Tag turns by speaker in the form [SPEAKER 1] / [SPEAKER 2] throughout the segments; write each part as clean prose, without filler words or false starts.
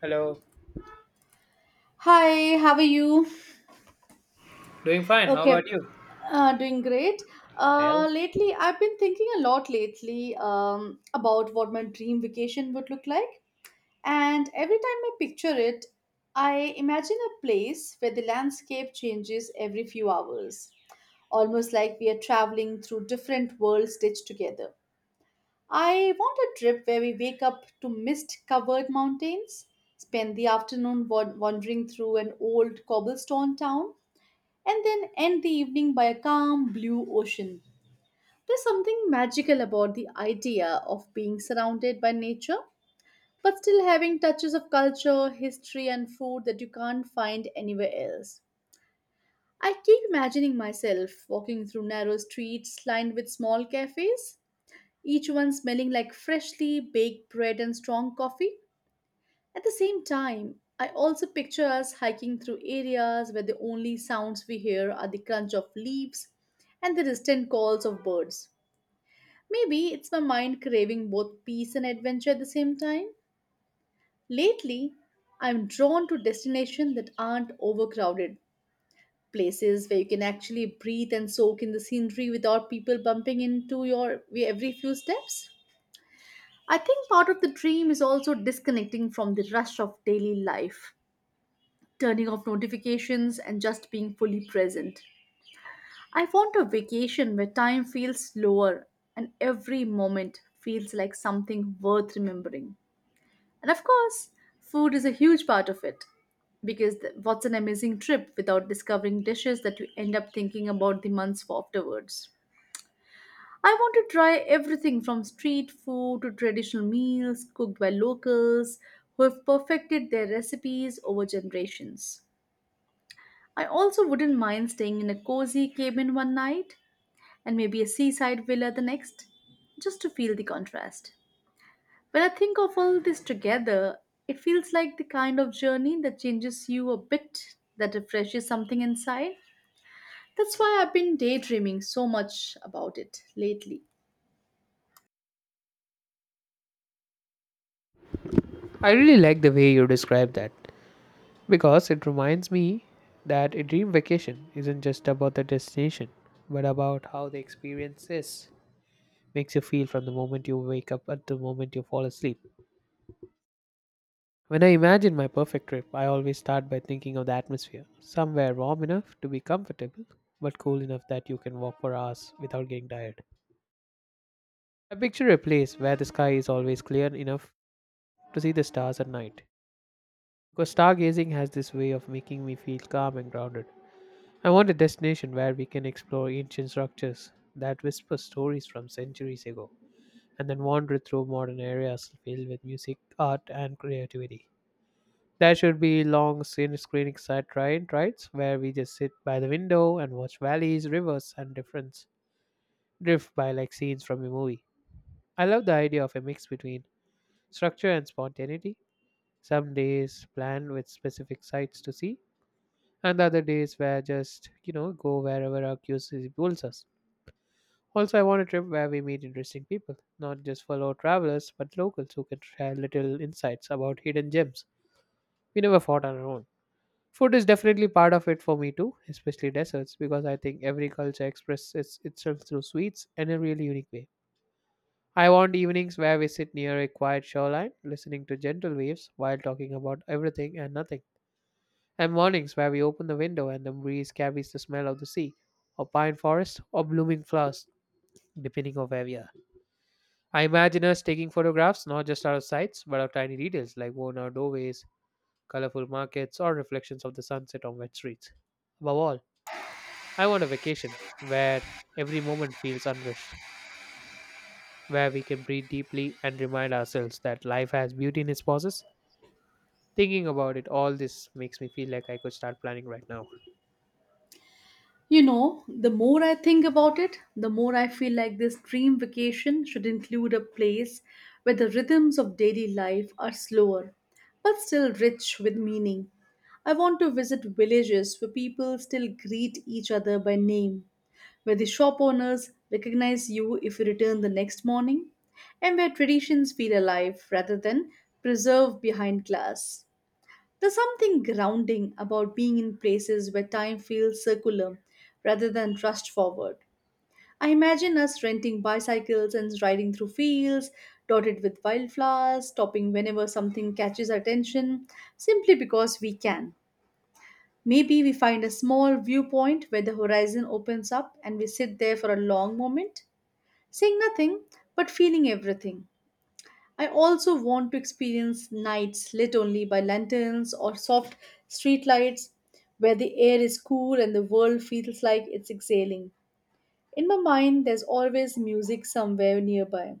[SPEAKER 1] Hello.
[SPEAKER 2] Hi, how are you?
[SPEAKER 1] Doing fine. How
[SPEAKER 2] Okay,
[SPEAKER 1] about you?
[SPEAKER 2] doing great.
[SPEAKER 1] Well,
[SPEAKER 2] Lately, I've been thinking a lot lately about what my dream vacation would look like. And every time I picture it, I imagine a place where the landscape changes every few hours, almost like we are traveling through different worlds stitched together. I want a trip where we wake up to mist covered mountains, spend the afternoon wandering through an old cobblestone town and then end the evening by a calm blue ocean. There's something magical about the idea of being surrounded by nature, but still having touches of culture, history, and food that you can't find anywhere else. I keep imagining myself walking through narrow streets lined with small cafes, each one smelling like freshly baked bread and strong coffee. At the same time, I also picture us hiking through areas where the only sounds we hear are the crunch of leaves and the distant calls of birds. Maybe it's my mind craving both peace and adventure at the same time. Lately, I'm drawn to destinations that aren't overcrowded, places where you can actually breathe and soak in the scenery without people bumping into your every few steps. I think part of the dream is also disconnecting from the rush of daily life, turning off notifications, and just being fully present. I want a vacation where time feels slower and every moment feels like something worth remembering. And of course, food is a huge part of it because what's an amazing trip without discovering dishes that you end up thinking about the months afterwards? I want to try everything from street food to traditional meals cooked by locals who have perfected their recipes over generations. I also wouldn't mind staying in a cozy cabin one night and maybe a seaside villa the next, just to feel the contrast. When I think of all this together, it feels like the kind of journey that changes you a bit, that refreshes something inside. That's why I've been daydreaming so much about it lately.
[SPEAKER 1] I really like the way you describe that because it reminds me that a dream vacation isn't just about the destination, but about how the experience makes you feel from the moment you wake up until the moment you fall asleep. When I imagine my perfect trip, I always start by thinking of the atmosphere, somewhere warm enough to be comfortable, but cool enough that you can walk for hours without getting tired. I picture a place where the sky is always clear enough to see the stars at night, because stargazing has this way of making me feel calm and grounded. I want a destination where we can explore ancient structures that whisper stories from centuries ago and then wander through modern areas filled with music, art, and creativity. There should be long scene screening side ride rides where we just sit by the window and watch valleys, rivers, and different drift by like scenes from a movie. I love the idea of a mix between structure and spontaneity. Some days planned with specific sites to see, and the other days where just go wherever our curiosity pulls us. Also, I want a trip where we meet interesting people, not just fellow travelers but locals who can share little insights about hidden gems we never fought on our own. Food is definitely part of it for me too, especially desserts, because I think every culture expresses itself through sweets in a really unique way. I want evenings where we sit near a quiet shoreline listening to gentle waves while talking about everything and nothing, and mornings where we open the window and the breeze carries the smell of the sea, or pine forest, or blooming flowers, depending on where we are. I imagine us taking photographs, not just out of sights, but of tiny details like worn out doorways, colorful markets, or reflections of the sunset on wet streets. Above all, I want a vacation where every moment feels unrest, where we can breathe deeply and remind ourselves that life has beauty in its pauses. Thinking about it, all this makes me feel like I could start planning right now.
[SPEAKER 2] You know, the more I think about it, the more I feel like this dream vacation should include a place where the rhythms of daily life are slower, but still rich with meaning. I want to visit villages where people still greet each other by name, where the shop owners recognize you if you return the next morning, and where traditions feel alive rather than preserved behind glass. There's something grounding about being in places where time feels circular rather than rushed forward. I imagine us renting bicycles and riding through fields dotted with wildflowers, stopping whenever something catches our attention, simply because we can. Maybe we find a small viewpoint where the horizon opens up and we sit there for a long moment, seeing nothing but feeling everything. I also want to experience nights lit only by lanterns or soft streetlights, where the air is cool and the world feels like it's exhaling. In my mind, there's always music somewhere nearby.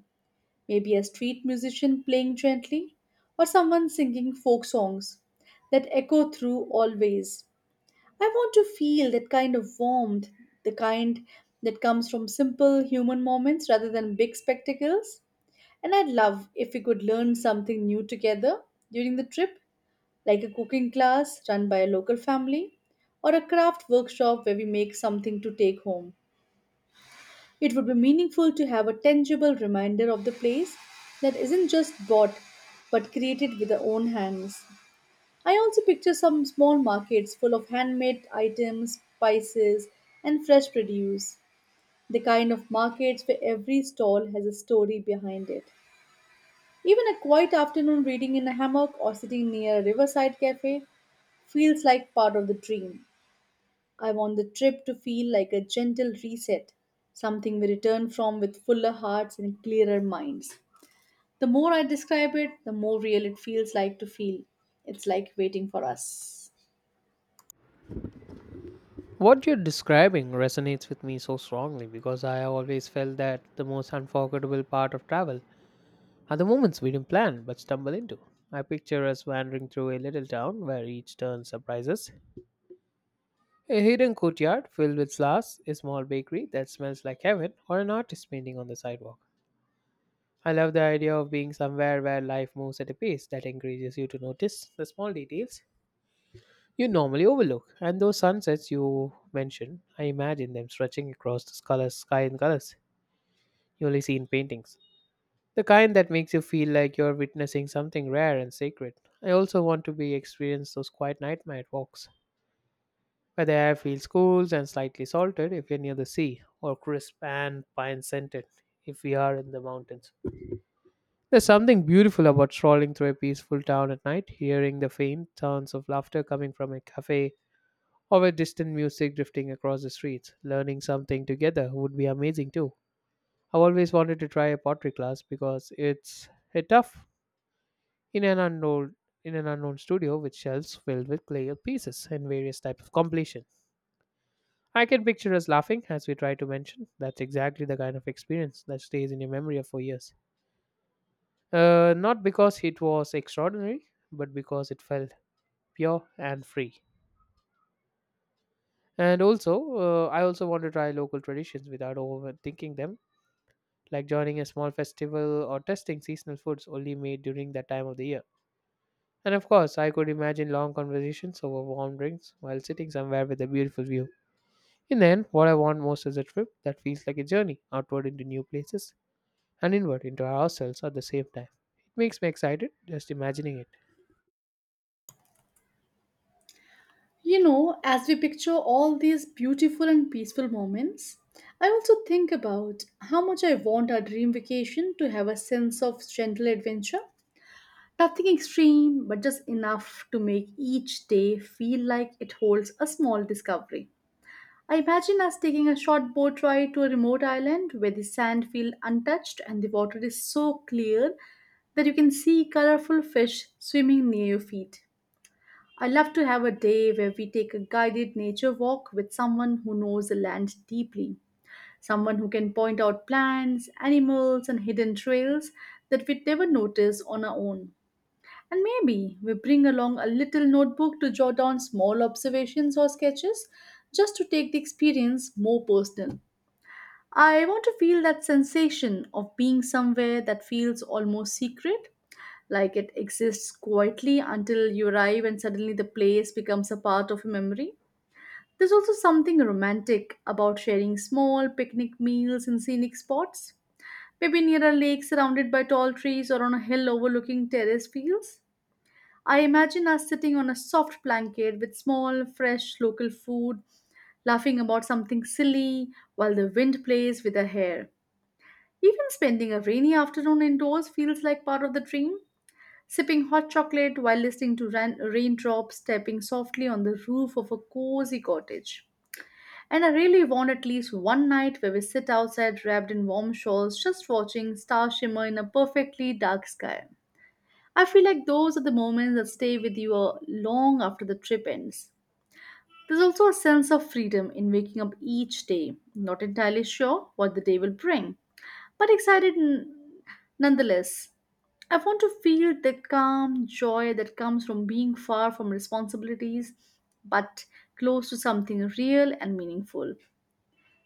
[SPEAKER 2] Maybe a street musician playing gently, or someone singing folk songs that echo through always. I want to feel that kind of warmth, the kind that comes from simple human moments rather than big spectacles. And I'd love if we could learn something new together during the trip, like a cooking class run by a local family or a craft workshop where we make something to take home. It would be meaningful to have a tangible reminder of the place that isn't just bought but created with our own hands. I also picture some small markets full of handmade items, spices, and fresh produce, the kind of markets where every stall has a story behind it. Even a quiet afternoon reading in a hammock or sitting near a riverside cafe feels like part of the dream. I want the trip to feel like a gentle reset, something we return from with fuller hearts and clearer minds. The more I describe it, the more real it feels like to feel. It's like waiting for us.
[SPEAKER 1] What you're describing resonates with me so strongly because I have always felt that the most unforgettable part of travel are the moments we didn't plan but stumble into. I picture us wandering through a little town where each turn surprises, a hidden courtyard filled with flowers, a small bakery that smells like heaven, or an artist painting on the sidewalk. I love the idea of being somewhere where life moves at a pace that encourages you to notice the small details you normally overlook. And those sunsets you mention, I imagine them stretching across sky in colors you only see in paintings. The kind that makes you feel like you're witnessing something rare and sacred. I also want to be experience those quiet night walks, where the air feels cool and slightly salted if you're near the sea, or crisp and pine scented if we are in the mountains. There's something beautiful about strolling through a peaceful town at night, hearing the faint sounds of laughter coming from a cafe, or with distant music drifting across the streets. Learning something together would be amazing too. I've always wanted to try a pottery class because it's a tough in an unknown in an unknown studio with shelves filled with clay pieces and various types of completion. I can picture us laughing as we try to mention that's exactly the kind of experience that stays in your memory for years. Not because it was extraordinary, but because it felt pure and free. And I also want to try local traditions without overthinking them, like joining a small festival or testing seasonal foods only made during that time of the year. And of course, I could imagine long conversations over warm drinks while sitting somewhere with a beautiful view. In the end, what I want most is a trip that feels like a journey outward into new places and inward into ourselves at the same time. It makes me excited just imagining it.
[SPEAKER 2] You know, as we picture all these beautiful and peaceful moments, I also think about how much I want our dream vacation to have a sense of gentle adventure. Nothing extreme, but just enough to make each day feel like it holds a small discovery. I imagine us taking a short boat ride to a remote island where the sand feels untouched and the water is so clear that you can see colorful fish swimming near your feet. I love to have a day where we take a guided nature walk with someone who knows the land deeply, someone who can point out plants, animals, and hidden trails that we'd never notice on our own. And maybe we bring along a little notebook to jot down small observations or sketches, just to take the experience more personal. I want to feel that sensation of being somewhere that feels almost secret, like it exists quietly until you arrive and suddenly the place becomes a part of a memory. There's also something romantic about sharing small picnic meals in scenic spots, maybe near a lake surrounded by tall trees or on a hill overlooking terrace fields. I imagine us sitting on a soft blanket with small, fresh local food, laughing about something silly while the wind plays with our hair. Even spending a rainy afternoon indoors feels like part of the dream. Sipping hot chocolate while listening to raindrops tapping softly on the roof of a cozy cottage. And I really want at least one night where we sit outside wrapped in warm shawls, just watching stars shimmer in a perfectly dark sky. I feel like those are the moments that stay with you long after the trip ends. There's also a sense of freedom in waking up each day, not entirely sure what the day will bring, but excited nonetheless. I want to feel the calm joy that comes from being far from responsibilities, but close to something real and meaningful.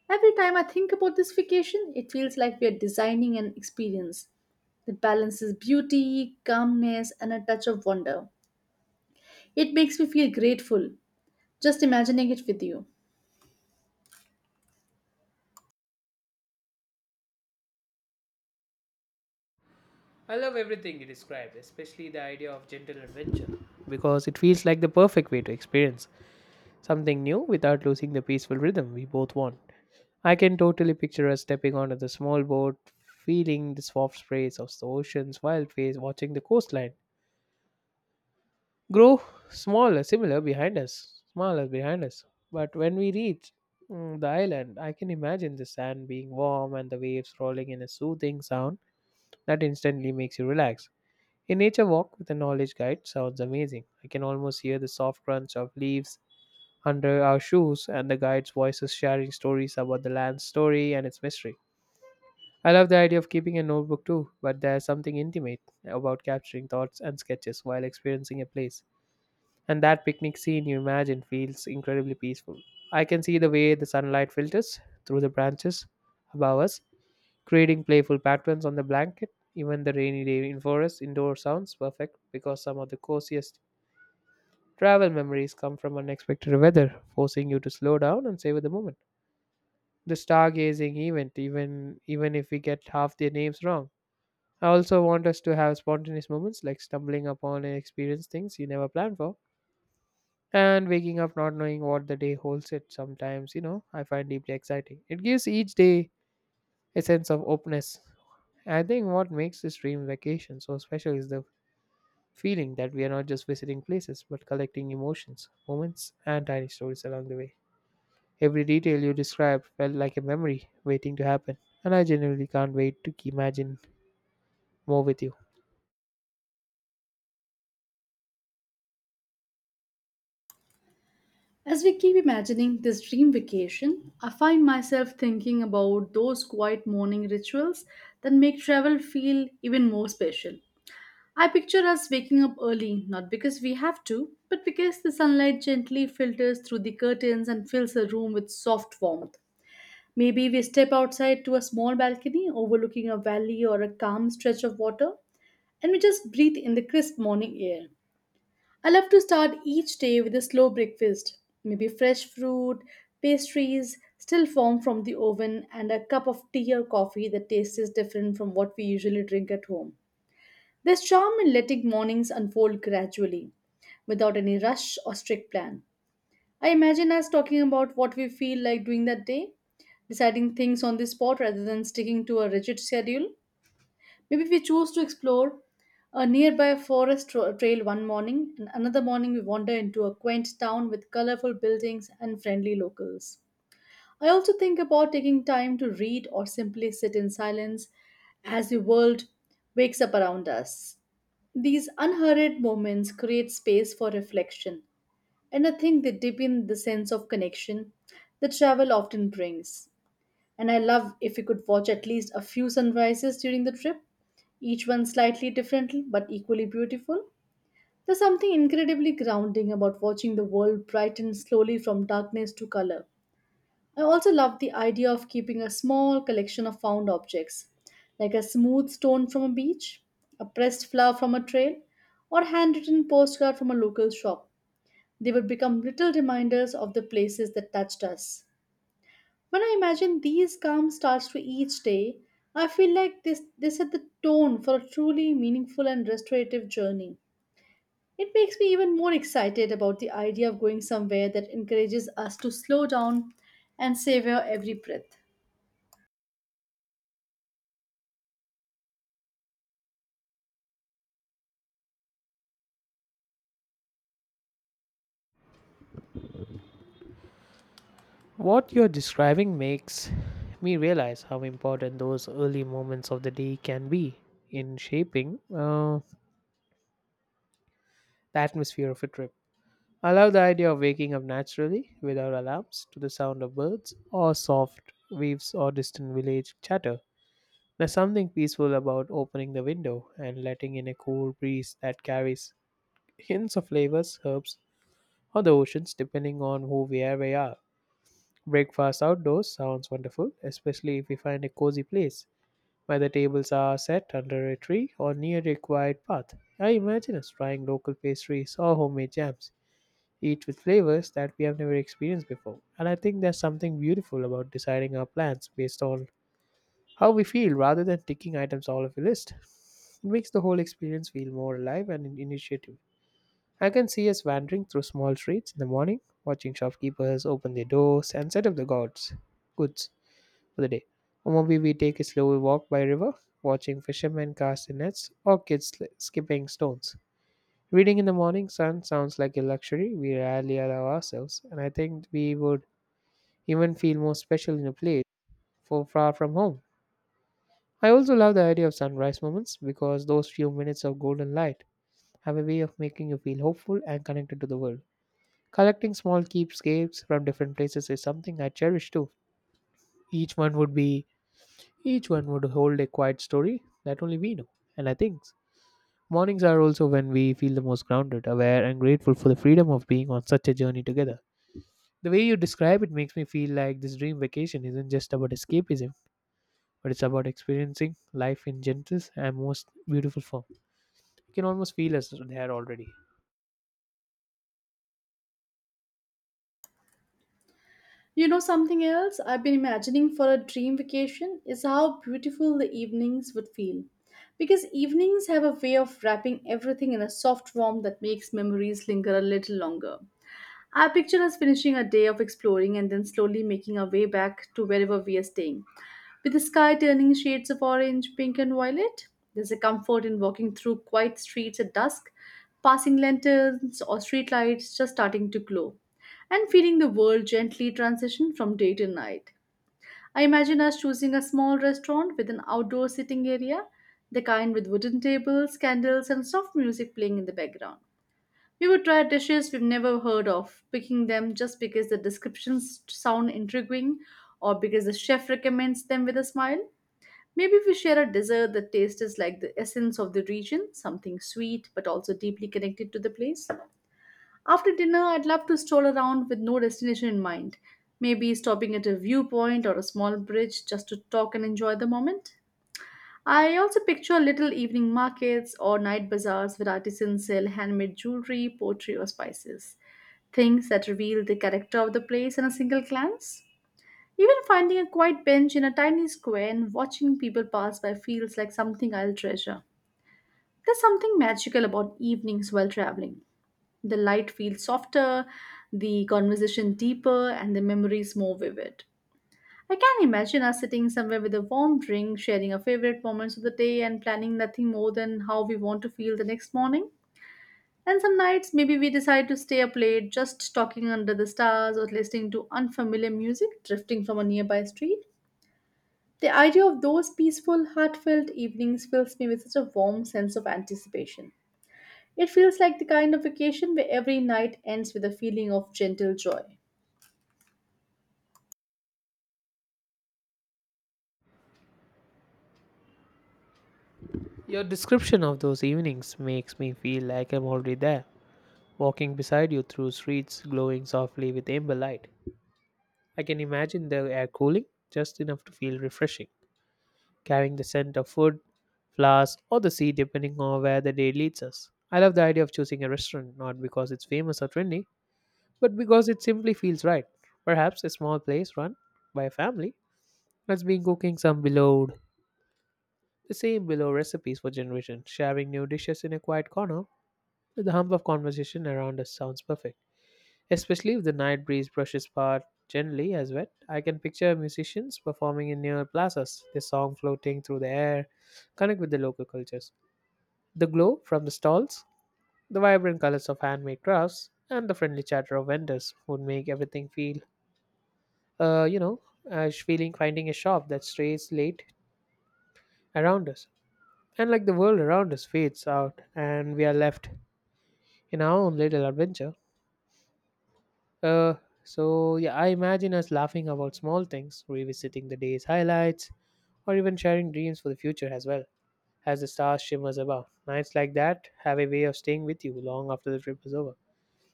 [SPEAKER 2] Every time I think about this vacation, it feels like we are designing an experience that balances beauty, calmness, and a touch of wonder. It makes me feel grateful just imagining it with you.
[SPEAKER 1] I love everything you described, especially the idea of gentle adventure, because it feels like the perfect way to experience something new without losing the peaceful rhythm we both want. I can totally picture us stepping onto the small boat, feeling the soft sprays of the ocean's wild face, watching the coastline grow smaller, similar behind us, smaller behind us. But when we reach the island, I can imagine the sand being warm and the waves rolling in a soothing sound that instantly makes you relax. A nature walk with a knowledge guide sounds amazing. I can almost hear the soft crunch of leaves under our shoes and the guide's voices sharing stories about the land's story and its mystery. I love the idea of keeping a notebook too, but there's something intimate about capturing thoughts and sketches while experiencing a place. And that picnic scene you imagine feels incredibly peaceful. I can see the way the sunlight filters through the branches above us, creating playful patterns on the blanket. Even the rainy day in forest indoor sounds perfect because some of the coziest travel memories come from unexpected weather, forcing you to slow down and savor the moment. The stargazing event, even if we get half their names wrong. I also want us to have spontaneous moments, like stumbling upon and experience things you never planned for, and waking up not knowing what the day holds it sometimes, I find deeply exciting. It gives each day a sense of openness. I think what makes this dream vacation so special is the feeling that we are not just visiting places but collecting emotions, moments, and tiny stories along the way. Every detail you described felt like a memory waiting to happen, and I genuinely can't wait to imagine more with you.
[SPEAKER 2] As we keep imagining this dream vacation, I find myself thinking about those quiet morning rituals that make travel feel even more special. I picture us waking up early, not because we have to, but because the sunlight gently filters through the curtains and fills the room with soft warmth. Maybe we step outside to a small balcony overlooking a valley or a calm stretch of water, and we just breathe in the crisp morning air. I love to start each day with a slow breakfast, maybe fresh fruit, pastries still formed from the oven, and a cup of tea or coffee that tastes different from what we usually drink at home. There's charm in letting mornings unfold gradually, without any rush or strict plan. I imagine us talking about what we feel like doing that day, deciding things on the spot rather than sticking to a rigid schedule. Maybe we choose to explore a nearby forest trail one morning, and another morning we wander into a quaint town with colorful buildings and friendly locals. I also think about taking time to read or simply sit in silence as the world wakes up around us. These unhurried moments create space for reflection, and I think they deepen the sense of connection that travel often brings. And I love if we could watch at least a few sunrises during the trip, each one slightly different but equally beautiful. There's something incredibly grounding about watching the world brighten slowly from darkness to color. I also love the idea of keeping a small collection of found objects, like a smooth stone from a beach, a pressed flower from a trail, or handwritten postcard from a local shop. They would become little reminders of the places that touched us. When I imagine these calm starts to each day, I feel like this, they set the tone for a truly meaningful and restorative journey. It makes me even more excited about the idea of going somewhere that encourages us to slow down and savor every breath.
[SPEAKER 1] What you're describing makes me realize how important those early moments of the day can be in shaping the atmosphere of a trip. I love the idea of waking up naturally without alarms to the sound of birds or soft waves or distant village chatter. There's something peaceful about opening the window and letting in a cool breeze that carries hints of flavors, herbs, or the oceans, depending on who we are. Breakfast outdoors sounds wonderful, especially if we find a cozy place where the tables are set under a tree or near a quiet path. I imagine us trying local pastries or homemade jams, each with flavors that we have never experienced before. And I think there's something beautiful about deciding our plans based on how we feel rather than ticking items all of a list. It makes the whole experience feel more alive and initiative. I can see us wandering through small streets in the morning, watching shopkeepers open their doors and set up the gods goods for the day. Or maybe we take a slow walk by river, watching fishermen cast in nets or kids skipping stones. Reading in the morning sun sounds like a luxury we rarely allow ourselves, and I think we would even feel more special in a place for far from home. I also love the idea of sunrise moments because those few minutes of golden light have a way of making you feel hopeful and connected to the world. Collecting small keepsakes from different places is something I cherish too. Each one would be Each one would hold a quiet story that only we know. And I think mornings are also when we feel the most grounded, aware, and grateful for the freedom of being on such a journey together. The way you describe it makes me feel like this dream vacation isn't just about escapism, but it's about experiencing life in gentlest and most beautiful form. You can almost feel us there already.
[SPEAKER 2] You know, something else I've been imagining for a dream vacation is how beautiful the evenings would feel. Because evenings have a way of wrapping everything in a soft warmth that makes memories linger a little longer. Our picture us finishing a day of exploring and then slowly making our way back to wherever we are staying. With the sky turning shades of orange, pink, and violet, there's a comfort in walking through quiet streets at dusk, passing lanterns or streetlights just starting to glow, and feeling the world gently transition from day to night. I imagine us choosing a small restaurant with an outdoor sitting area, the kind with wooden tables, candles, and soft music playing in the background. We would try dishes we've never heard of, picking them just because the descriptions sound intriguing or because the chef recommends them with a smile. Maybe we share a dessert that tastes like the essence of the region, something sweet but also deeply connected to the place. After dinner, I'd love to stroll around with no destination in mind, maybe stopping at a viewpoint or a small bridge just to talk and enjoy the moment. I also picture little evening markets or night bazaars where artisans sell handmade jewelry, pottery, or spices. Things that reveal the character of the place in a single glance. Even finding a quiet bench in a tiny square and watching people pass by feels like something I'll treasure. There's something magical about evenings while traveling. The light feels softer, the conversation deeper, and the memories more vivid. I can imagine us sitting somewhere with a warm drink, sharing our favorite moments of the day, and planning nothing more than how we want to feel the next morning. And some nights, maybe we decide to stay up late, just talking under the stars or listening to unfamiliar music drifting from a nearby street. The idea of those peaceful, heartfelt evenings fills me with such a warm sense of anticipation. It feels like the kind of vacation where every night ends with a feeling of gentle joy.
[SPEAKER 1] Your description of those evenings makes me feel like I'm already there, walking beside you through streets glowing softly with amber light. I can imagine the air cooling just enough to feel refreshing, carrying the scent of food, flowers, or the sea, depending on where the day leads us. I love the idea of choosing a restaurant not because it's famous or trendy, but because it simply feels right. Perhaps a small place run by a family that's been cooking the same beloved recipes for generations. Sharing new dishes in a quiet corner with the hum of conversation around us sounds perfect. Especially if the night breeze brushes past gently as wet, I can picture musicians performing in near plazas, their song floating through the air, connect with the local cultures. The glow from the stalls, the vibrant colors of handmade crafts, and the friendly chatter of vendors would make everything feel, uh, you know, feeling finding a shop that strays late around us. And like the world around us fades out, and we are left in our own little adventure. Uh, yeah, I imagine us laughing about small things, revisiting the day's highlights, or even sharing dreams for the future as well as the stars shimmers above. Nights like that have a way of staying with you long after the trip is over.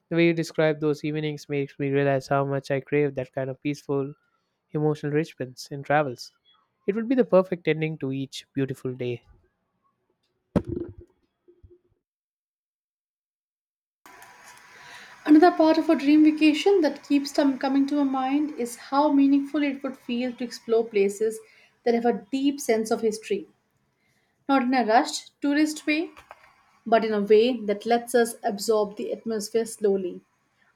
[SPEAKER 1] The way you describe those evenings makes me realize how much I crave that kind of peaceful, emotional richness in travels. It would be the perfect ending to each beautiful day.
[SPEAKER 2] Another part of a dream vacation that keeps them coming to my mind is how meaningful it would feel to explore places that have a deep sense of history. Not in a rushed, tourist way, but in a way that lets us absorb the atmosphere slowly.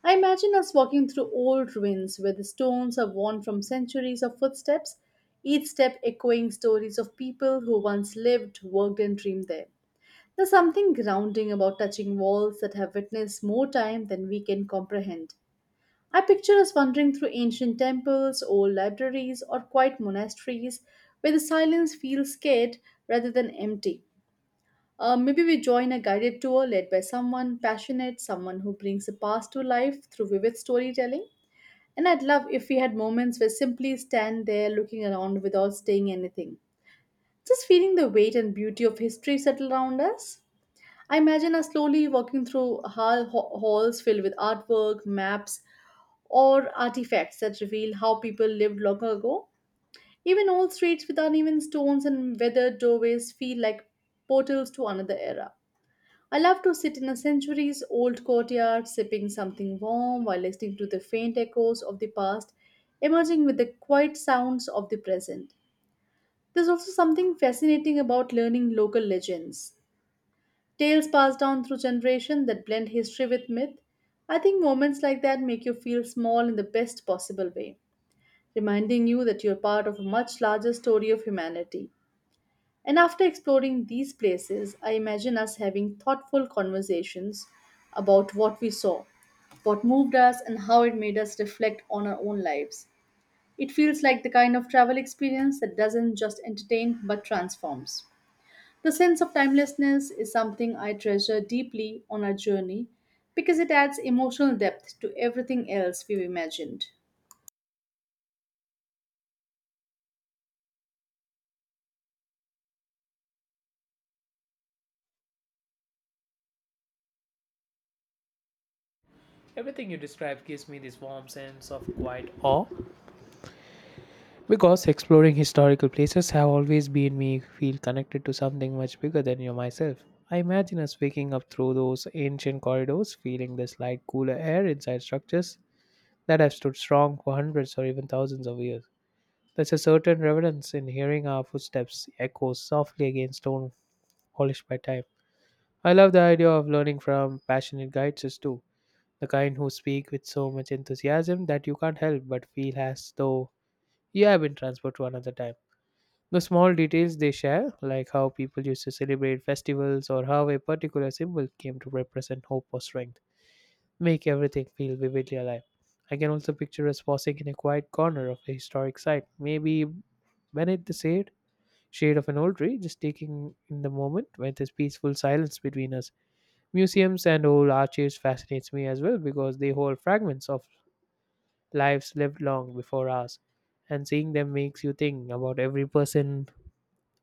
[SPEAKER 2] I imagine us walking through old ruins where the stones are worn from centuries of footsteps, each step echoing stories of people who once lived, worked, and dreamed there. There's something grounding about touching walls that have witnessed more time than we can comprehend. I picture us wandering through ancient temples, old libraries, or quiet monasteries where the silence feels scared rather than empty. Maybe we join a guided tour led by someone passionate, someone who brings the past to life through vivid storytelling. And I'd love if we had moments where simply stand there looking around without saying anything, just feeling the weight and beauty of history settle around us. I imagine us slowly walking through halls filled with artwork, maps, or artifacts that reveal how people lived long ago. Even old streets with uneven stones and weathered doorways feel like portals to another era. I love to sit in a centuries old courtyard, sipping something warm while listening to the faint echoes of the past, emerging with the quiet sounds of the present. There's also something fascinating about learning local legends. Tales passed down through generation that blend history with myth. I think moments like that make you feel small in the best possible way, reminding you that you're part of a much larger story of humanity. And after exploring these places, I imagine us having thoughtful conversations about what we saw, what moved us, and how it made us reflect on our own lives. It feels like the kind of travel experience that doesn't just entertain but transforms. The sense of timelessness is something I treasure deeply on our journey because it adds emotional depth to everything else we've imagined.
[SPEAKER 1] Everything you describe gives me this warm sense of quiet awe because exploring historical places have always made me feel connected to something much bigger than you myself. I imagine us waking up through those ancient corridors, feeling the slight cooler air inside structures that have stood strong for hundreds or even thousands of years. There's a certain reverence in hearing our footsteps echo softly against stone polished by time. I love the idea of learning from passionate guides too, the kind who speak with so much enthusiasm that you can't help but feel as though you have been transported to another time. The small details they share, like how people used to celebrate festivals or how a particular symbol came to represent hope or strength, make everything feel vividly alive. I can also picture us pausing in a quiet corner of a historic site, maybe beneath the shade of an old tree, just taking in the moment when there's peaceful silence between us. Museums and old archives fascinates me as well because they hold fragments of lives lived long before ours, and seeing them makes you think about every person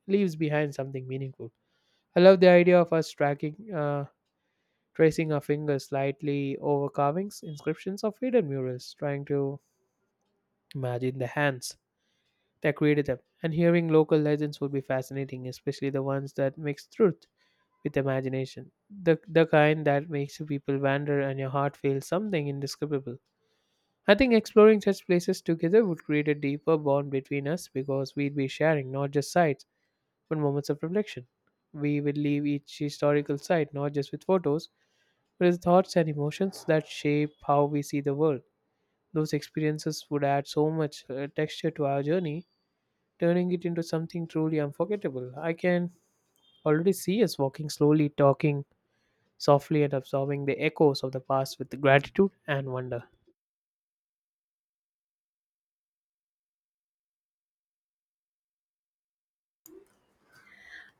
[SPEAKER 1] leaves behind something meaningful. I love the idea of us tracking, tracing our fingers lightly over carvings, inscriptions or hidden murals, trying to imagine the hands that created them. And hearing local legends would be fascinating, especially the ones that mix truth with imagination. The kind that makes you people wander and your heart feels something indescribable. I think exploring such places together would create a deeper bond between us because we'd be sharing not just sights but moments of reflection. We would leave each historical site not just with photos but with thoughts and emotions that shape how we see the world. Those experiences would add so much texture to our journey, turning it into something truly unforgettable. I can already see us walking slowly, talking softly and absorbing the echoes of the past with gratitude and wonder.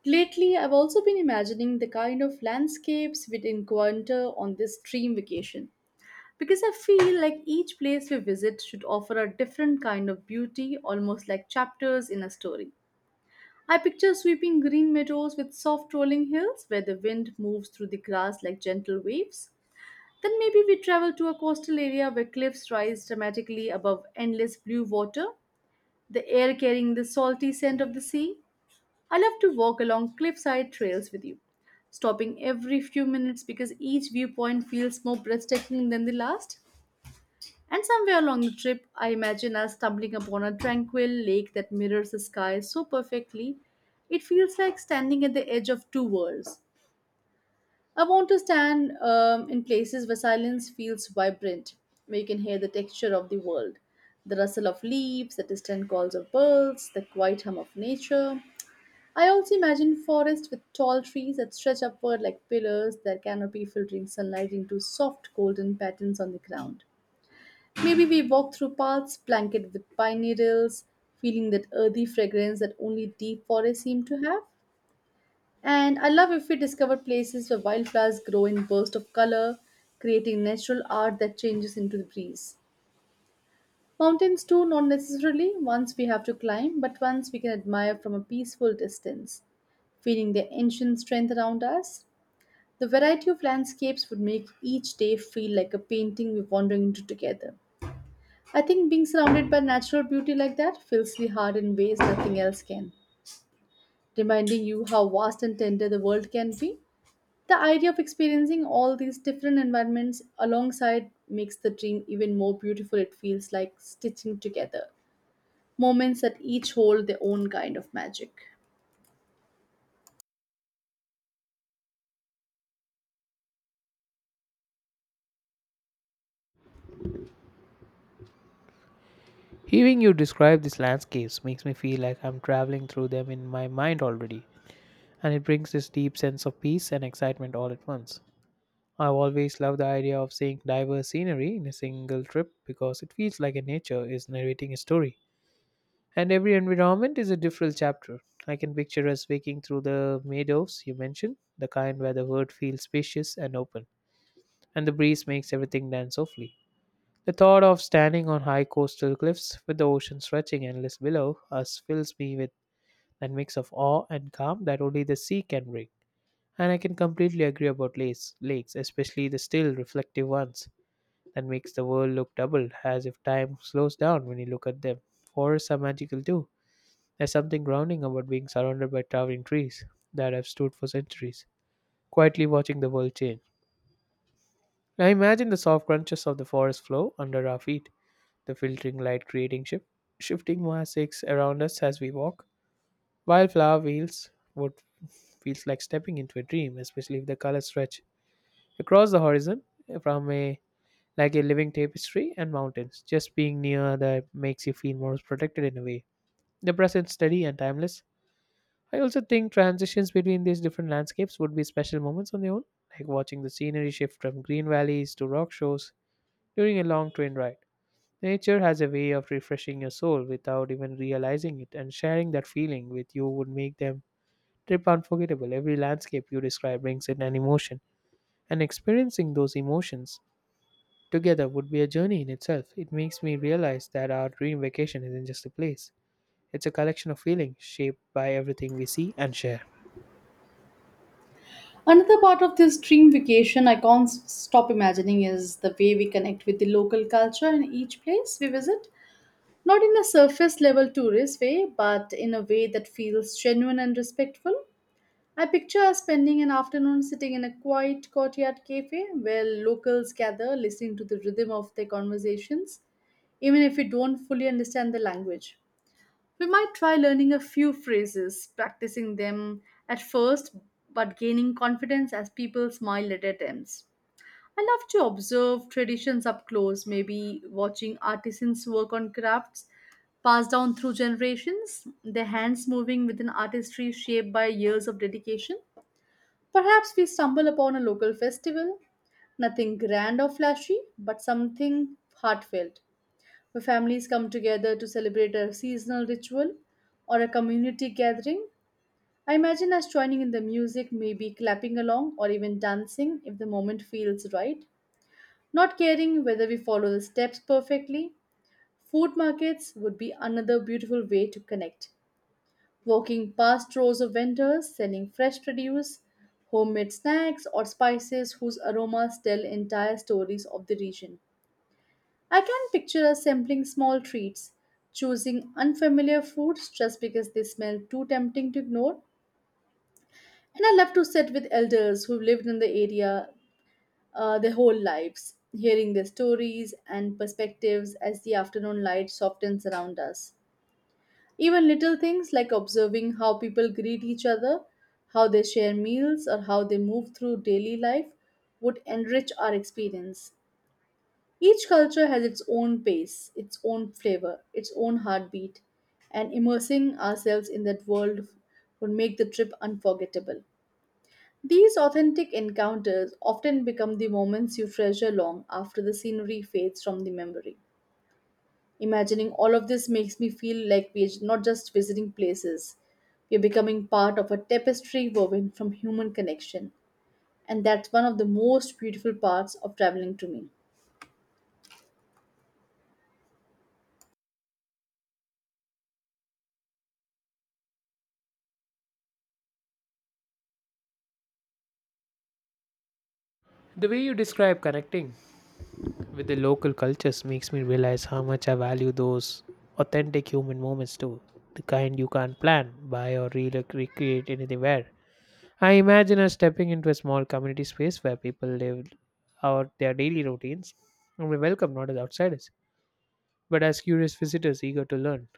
[SPEAKER 2] Lately, I've also been imagining the kind of landscapes we'd encounter on this dream vacation because I feel like each place we visit should offer a different kind of beauty, almost like chapters in a story. I picture sweeping green meadows with soft rolling hills where the wind moves through the grass like gentle waves. Then maybe we travel to a coastal area where cliffs rise dramatically above endless blue water, the air carrying the salty scent of the sea. I love to walk along cliffside trails with you, stopping every few minutes because each viewpoint feels more breathtaking than the last. And somewhere along the trip, I imagine us stumbling upon a tranquil lake that mirrors the sky so perfectly, it feels like standing at the edge of two worlds. I want to stand in places where silence feels vibrant, where you can hear the texture of the world, the rustle of leaves, the distant calls of birds, the quiet hum of nature. I also imagine forests with tall trees that stretch upward like pillars, their canopy filtering sunlight into soft golden patterns on the ground. Maybe we walk through paths blanketed with pine needles, feeling that earthy fragrance that only deep forests seem to have. And I love if we discover places where wildflowers grow in bursts of color, creating natural art that changes into the breeze. Mountains, too, not necessarily ones we have to climb, but ones we can admire from a peaceful distance. Feeling their ancient strength around us, the variety of landscapes would make each day feel like a painting we're wandering into together. I think being surrounded by natural beauty like that fills the heart in ways nothing else can, reminding you how vast and tender the world can be. The idea of experiencing all these different environments alongside makes the dream even more beautiful. It feels like stitching together moments that each hold their own kind of magic.
[SPEAKER 1] Hearing you describe these landscapes makes me feel like I'm traveling through them in my mind already, and it brings this deep sense of peace and excitement all at once. I've always loved the idea of seeing diverse scenery in a single trip because it feels like a nature is narrating a story. And every environment is a different chapter. I can picture us waking through the meadows you mentioned, the kind where the world feels spacious and open, and the breeze makes everything dance softly. The thought of standing on high coastal cliffs with the ocean stretching endless below us fills me with a mix of awe and calm that only the sea can bring. And I can completely agree about lakes, especially the still reflective ones that makes the world look double as if time slows down when you look at them. Forests are magical too. There's something grounding about being surrounded by towering trees that have stood for centuries, quietly watching the world change. I imagine the soft crunches of the forest floor under our feet, the filtering light creating shifting mosaics around us as we walk. Wildflower wheels would feels like stepping into a dream, especially if the colors stretch across the horizon from a like a living tapestry and mountains. Just being near that makes you feel more protected in a way. The present steady and timeless. I also think transitions between these different landscapes would be special moments on their own, like watching the scenery shift from green valleys to rock shores during a long train ride. Nature has a way of refreshing your soul without even realizing it, and sharing that feeling with you would make them trip unforgettable. Every landscape you describe brings in an emotion, and experiencing those emotions together would be a journey in itself. It makes me realize that our dream vacation isn't just a place, it's a collection of feelings shaped by everything we see and share.
[SPEAKER 2] Another part of this dream vacation I can't s- stop imagining is the way we connect with the local culture in each place we visit. Not in a surface level tourist way, but in a way that feels genuine and respectful. I picture us spending an afternoon sitting in a quiet courtyard cafe where locals gather, listening to the rhythm of their conversations, even if we don't fully understand the language. We might try learning a few phrases, practicing them at first, but gaining confidence as people smile at attempts. I love to observe traditions up close, maybe watching artisans work on crafts passed down through generations, their hands moving with an artistry shaped by years of dedication. Perhaps we stumble upon a local festival, nothing grand or flashy, but something heartfelt, where families come together to celebrate a seasonal ritual or a community gathering. I imagine us joining in the music, maybe clapping along or even dancing if the moment feels right, not caring whether we follow the steps perfectly. Food markets would be another beautiful way to connect. Walking past rows of vendors selling fresh produce, homemade snacks, or spices whose aromas tell entire stories of the region. I can picture us sampling small treats, choosing unfamiliar foods just because they smell too tempting to ignore. And I love to sit with elders who've lived in the area their whole lives, hearing their stories and perspectives as the afternoon light softens around us. Even little things like observing how people greet each other, how they share meals, or how they move through daily life would enrich our experience. Each culture has its own pace, its own flavor, its own heartbeat, and immersing ourselves in that world would make the trip unforgettable. These authentic encounters often become the moments you treasure long after the scenery fades from the memory. Imagining all of this makes me feel like we're not just visiting places, we're becoming part of a tapestry woven from human connection. And that's one of the most beautiful parts of traveling to me.
[SPEAKER 1] The way you describe connecting with the local cultures makes me realize how much I value those authentic human moments too. The kind you can't plan, buy, or recreate anywhere. I imagine us stepping into a small community space where people live out their daily routines and we welcome not as outsiders, but as curious visitors eager to learn.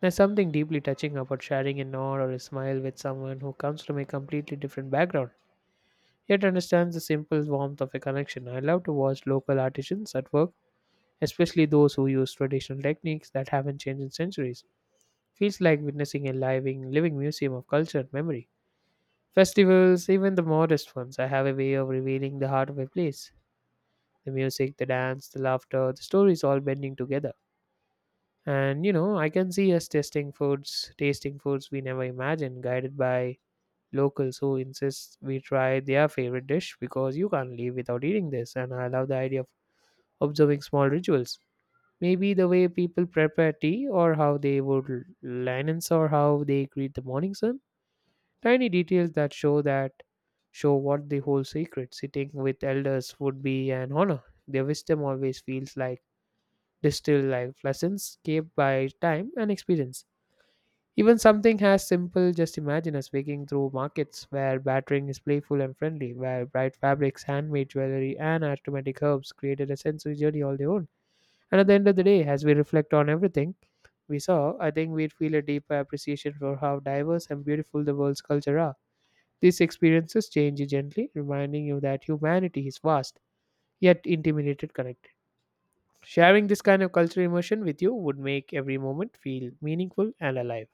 [SPEAKER 1] There's something deeply touching about sharing a nod or a smile with someone who comes from a completely different background, yet understands the simple warmth of a connection. I love to watch local artisans at work, especially those who use traditional techniques that haven't changed in centuries. Feels like witnessing a living museum of culture and memory. Festivals, even the modest ones, I have a way of revealing the heart of a place. The music, the dance, the laughter, the stories all bending together. And you know, I can see us testing foods, tasting foods we never imagined, guided by locals who insist we try their favorite dish because you can't leave without eating this. And I love the idea of observing small rituals. Maybe the way people prepare tea, or how they would linens, or how they greet the morning sun. Tiny details that show what the whole secret. Sitting with elders would be an honor. Their wisdom always feels like distilled life lessons kept by time and experience. Even something as simple, just imagine us waking through markets where battering is playful and friendly, where bright fabrics, handmade jewelry, and aromatic herbs created a sensory journey all their own. And at the end of the day, as we reflect on everything we saw, I think we'd feel a deeper appreciation for how diverse and beautiful the world's culture are. These experiences change you gently, reminding you that humanity is vast, yet intimidated connected. Sharing this kind of cultural immersion with you would make every moment feel meaningful and alive.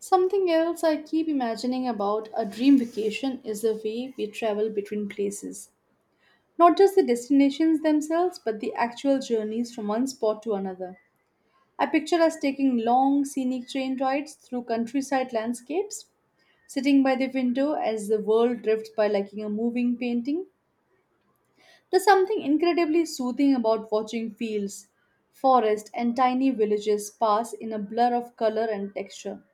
[SPEAKER 2] Something else I keep imagining about a dream vacation is the way we travel between places. Not just the destinations themselves, but the actual journeys from one spot to another. I picture us taking long scenic train rides through countryside landscapes, sitting by the window as the world drifts by like a moving painting. There's something incredibly soothing about watching fields, forests, and tiny villages pass in a blur of color and texture.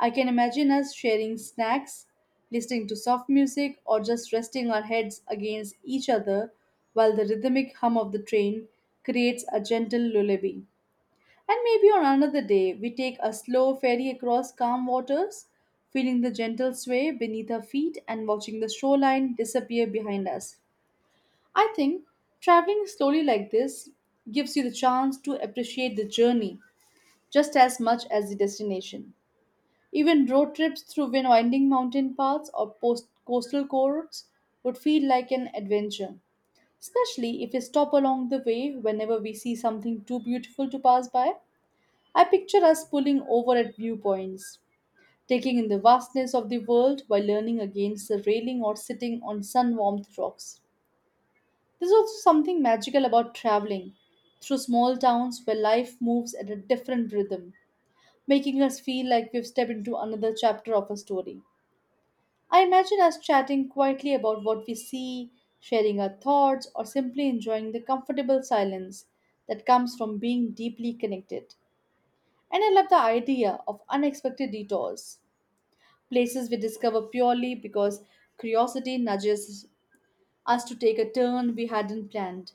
[SPEAKER 2] I can imagine us sharing snacks, listening to soft music, or just resting our heads against each other while the rhythmic hum of the train creates a gentle lullaby. And maybe on another day, we take a slow ferry across calm waters, feeling the gentle sway beneath our feet and watching the shoreline disappear behind us. I think traveling slowly like this gives you the chance to appreciate the journey just as much as the destination. Even road trips through winding mountain paths or coastal corridors would feel like an adventure, especially if we stop along the way whenever we see something too beautiful to pass by. I picture us pulling over at viewpoints, taking in the vastness of the world while leaning against the railing or sitting on sun warmed rocks. There's also something magical about traveling through small towns where life moves at a different rhythm, making us feel like we've stepped into another chapter of a story. I imagine us chatting quietly about what we see, sharing our thoughts, or simply enjoying the comfortable silence that comes from being deeply connected. And I love the idea of unexpected detours, places we discover purely because curiosity nudges us to take a turn we hadn't planned.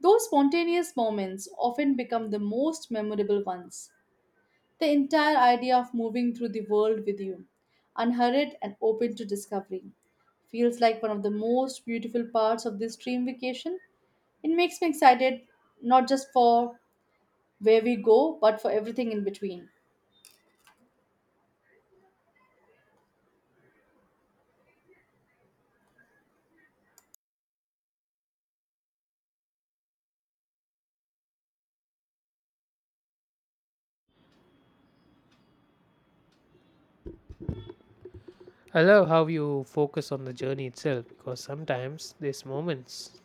[SPEAKER 2] Those spontaneous moments often become the most memorable ones. The entire idea of moving through the world with you, unhurried and open to discovery, feels like one of the most beautiful parts of this dream vacation. It makes me excited not just for where we go, but for everything in between.
[SPEAKER 1] I love how you focus on the journey itself because sometimes these moments,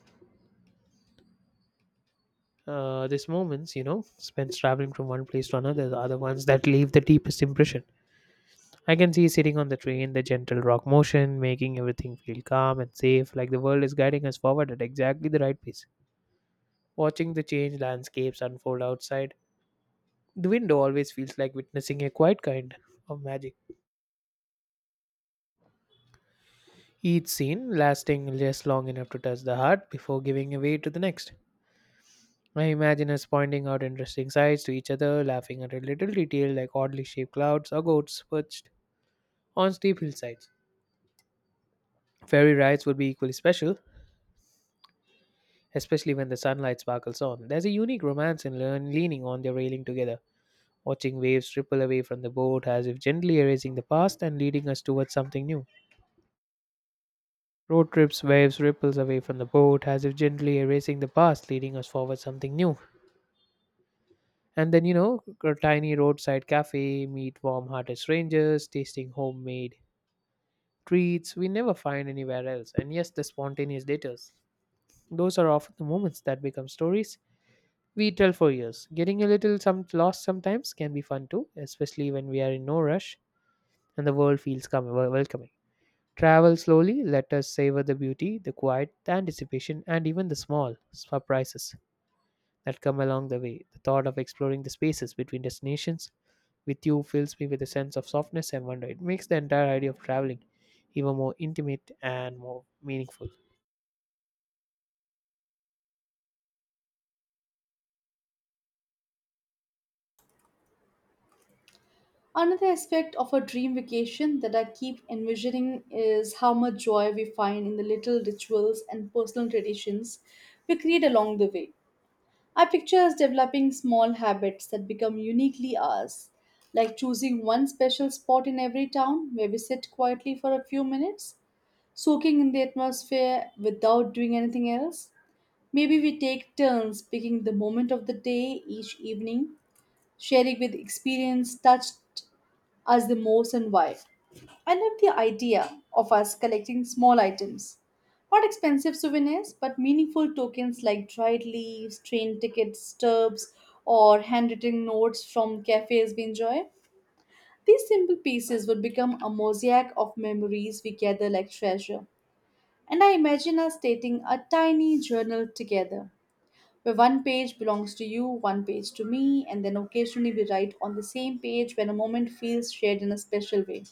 [SPEAKER 1] spent traveling from one place to another are the ones that leave the deepest impression. I can see sitting on the train, the gentle rock motion, making everything feel calm and safe, like the world is guiding us forward at exactly the right pace. Watching the changed landscapes unfold outside, the window always feels like witnessing a quiet kind of magic. Each scene lasting just long enough to touch the heart before giving way to the next. I imagine us pointing out interesting sights to each other, laughing at a little detail like oddly shaped clouds or goats perched on steep hillsides. Ferry rides would be equally special, especially when the sunlight sparkles on. There's a unique romance in leaning on the railing together, watching waves ripple away from the boat as if gently erasing the past and leading us towards something new. Road trips, waves, ripples away from the boat as if gently erasing the past, leading us forward something new. And then, you know, a tiny roadside cafe, meet warm hearted strangers, tasting homemade treats we never find anywhere else. And yes, the spontaneous dates. Those are often the moments that become stories we tell for years. Getting a little some lost sometimes can be fun too, especially when we are in no rush and the world feels welcoming. Travel slowly, let us savor the beauty, the quiet, the anticipation, and even the small surprises that come along the way. The thought of exploring the spaces between destinations with you fills me with a sense of softness and wonder. It makes the entire idea of traveling even more intimate and more meaningful.
[SPEAKER 2] Another aspect of a dream vacation that I keep envisioning is how much joy we find in the little rituals and personal traditions we create along the way. I picture us developing small habits that become uniquely ours, like choosing one special spot in every town where we sit quietly for a few minutes, soaking in the atmosphere without doing anything else. Maybe we take turns picking the moment of the day each evening sharing with experience touched us the most and why. I love the idea of us collecting small items. Not expensive souvenirs, but meaningful tokens like dried leaves, train tickets, stubs, or handwritten notes from cafes we enjoy. These simple pieces would become a mosaic of memories we gather like treasure. And I imagine us stating a tiny journal together where one page belongs to you, one page to me, and then occasionally we write on the same page when a moment feels shared in a special way.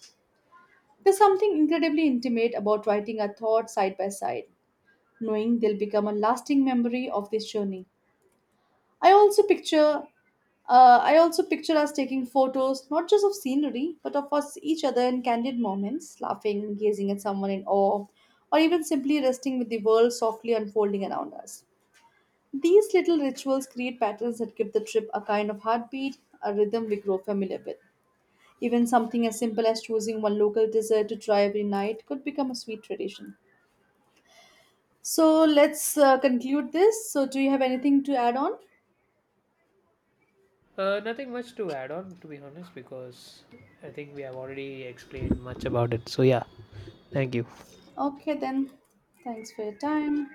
[SPEAKER 2] There's something incredibly intimate about writing our thoughts side by side, knowing they'll become a lasting memory of this journey. I also picture I also picture us taking photos not just of scenery, but of us each other in candid moments, laughing, gazing at someone in awe, or even simply resting with the world softly unfolding around us. These little rituals create patterns that give the trip a kind of heartbeat, a rhythm we grow familiar with. Even something as simple as choosing one local dessert to try every night could become a sweet tradition. So let's conclude this. So, do you have anything to add on?
[SPEAKER 1] Nothing much to add on, to be honest, because I think we have already explained much about it. So, yeah. Thank you.
[SPEAKER 2] Okay, then. Thanks for your time.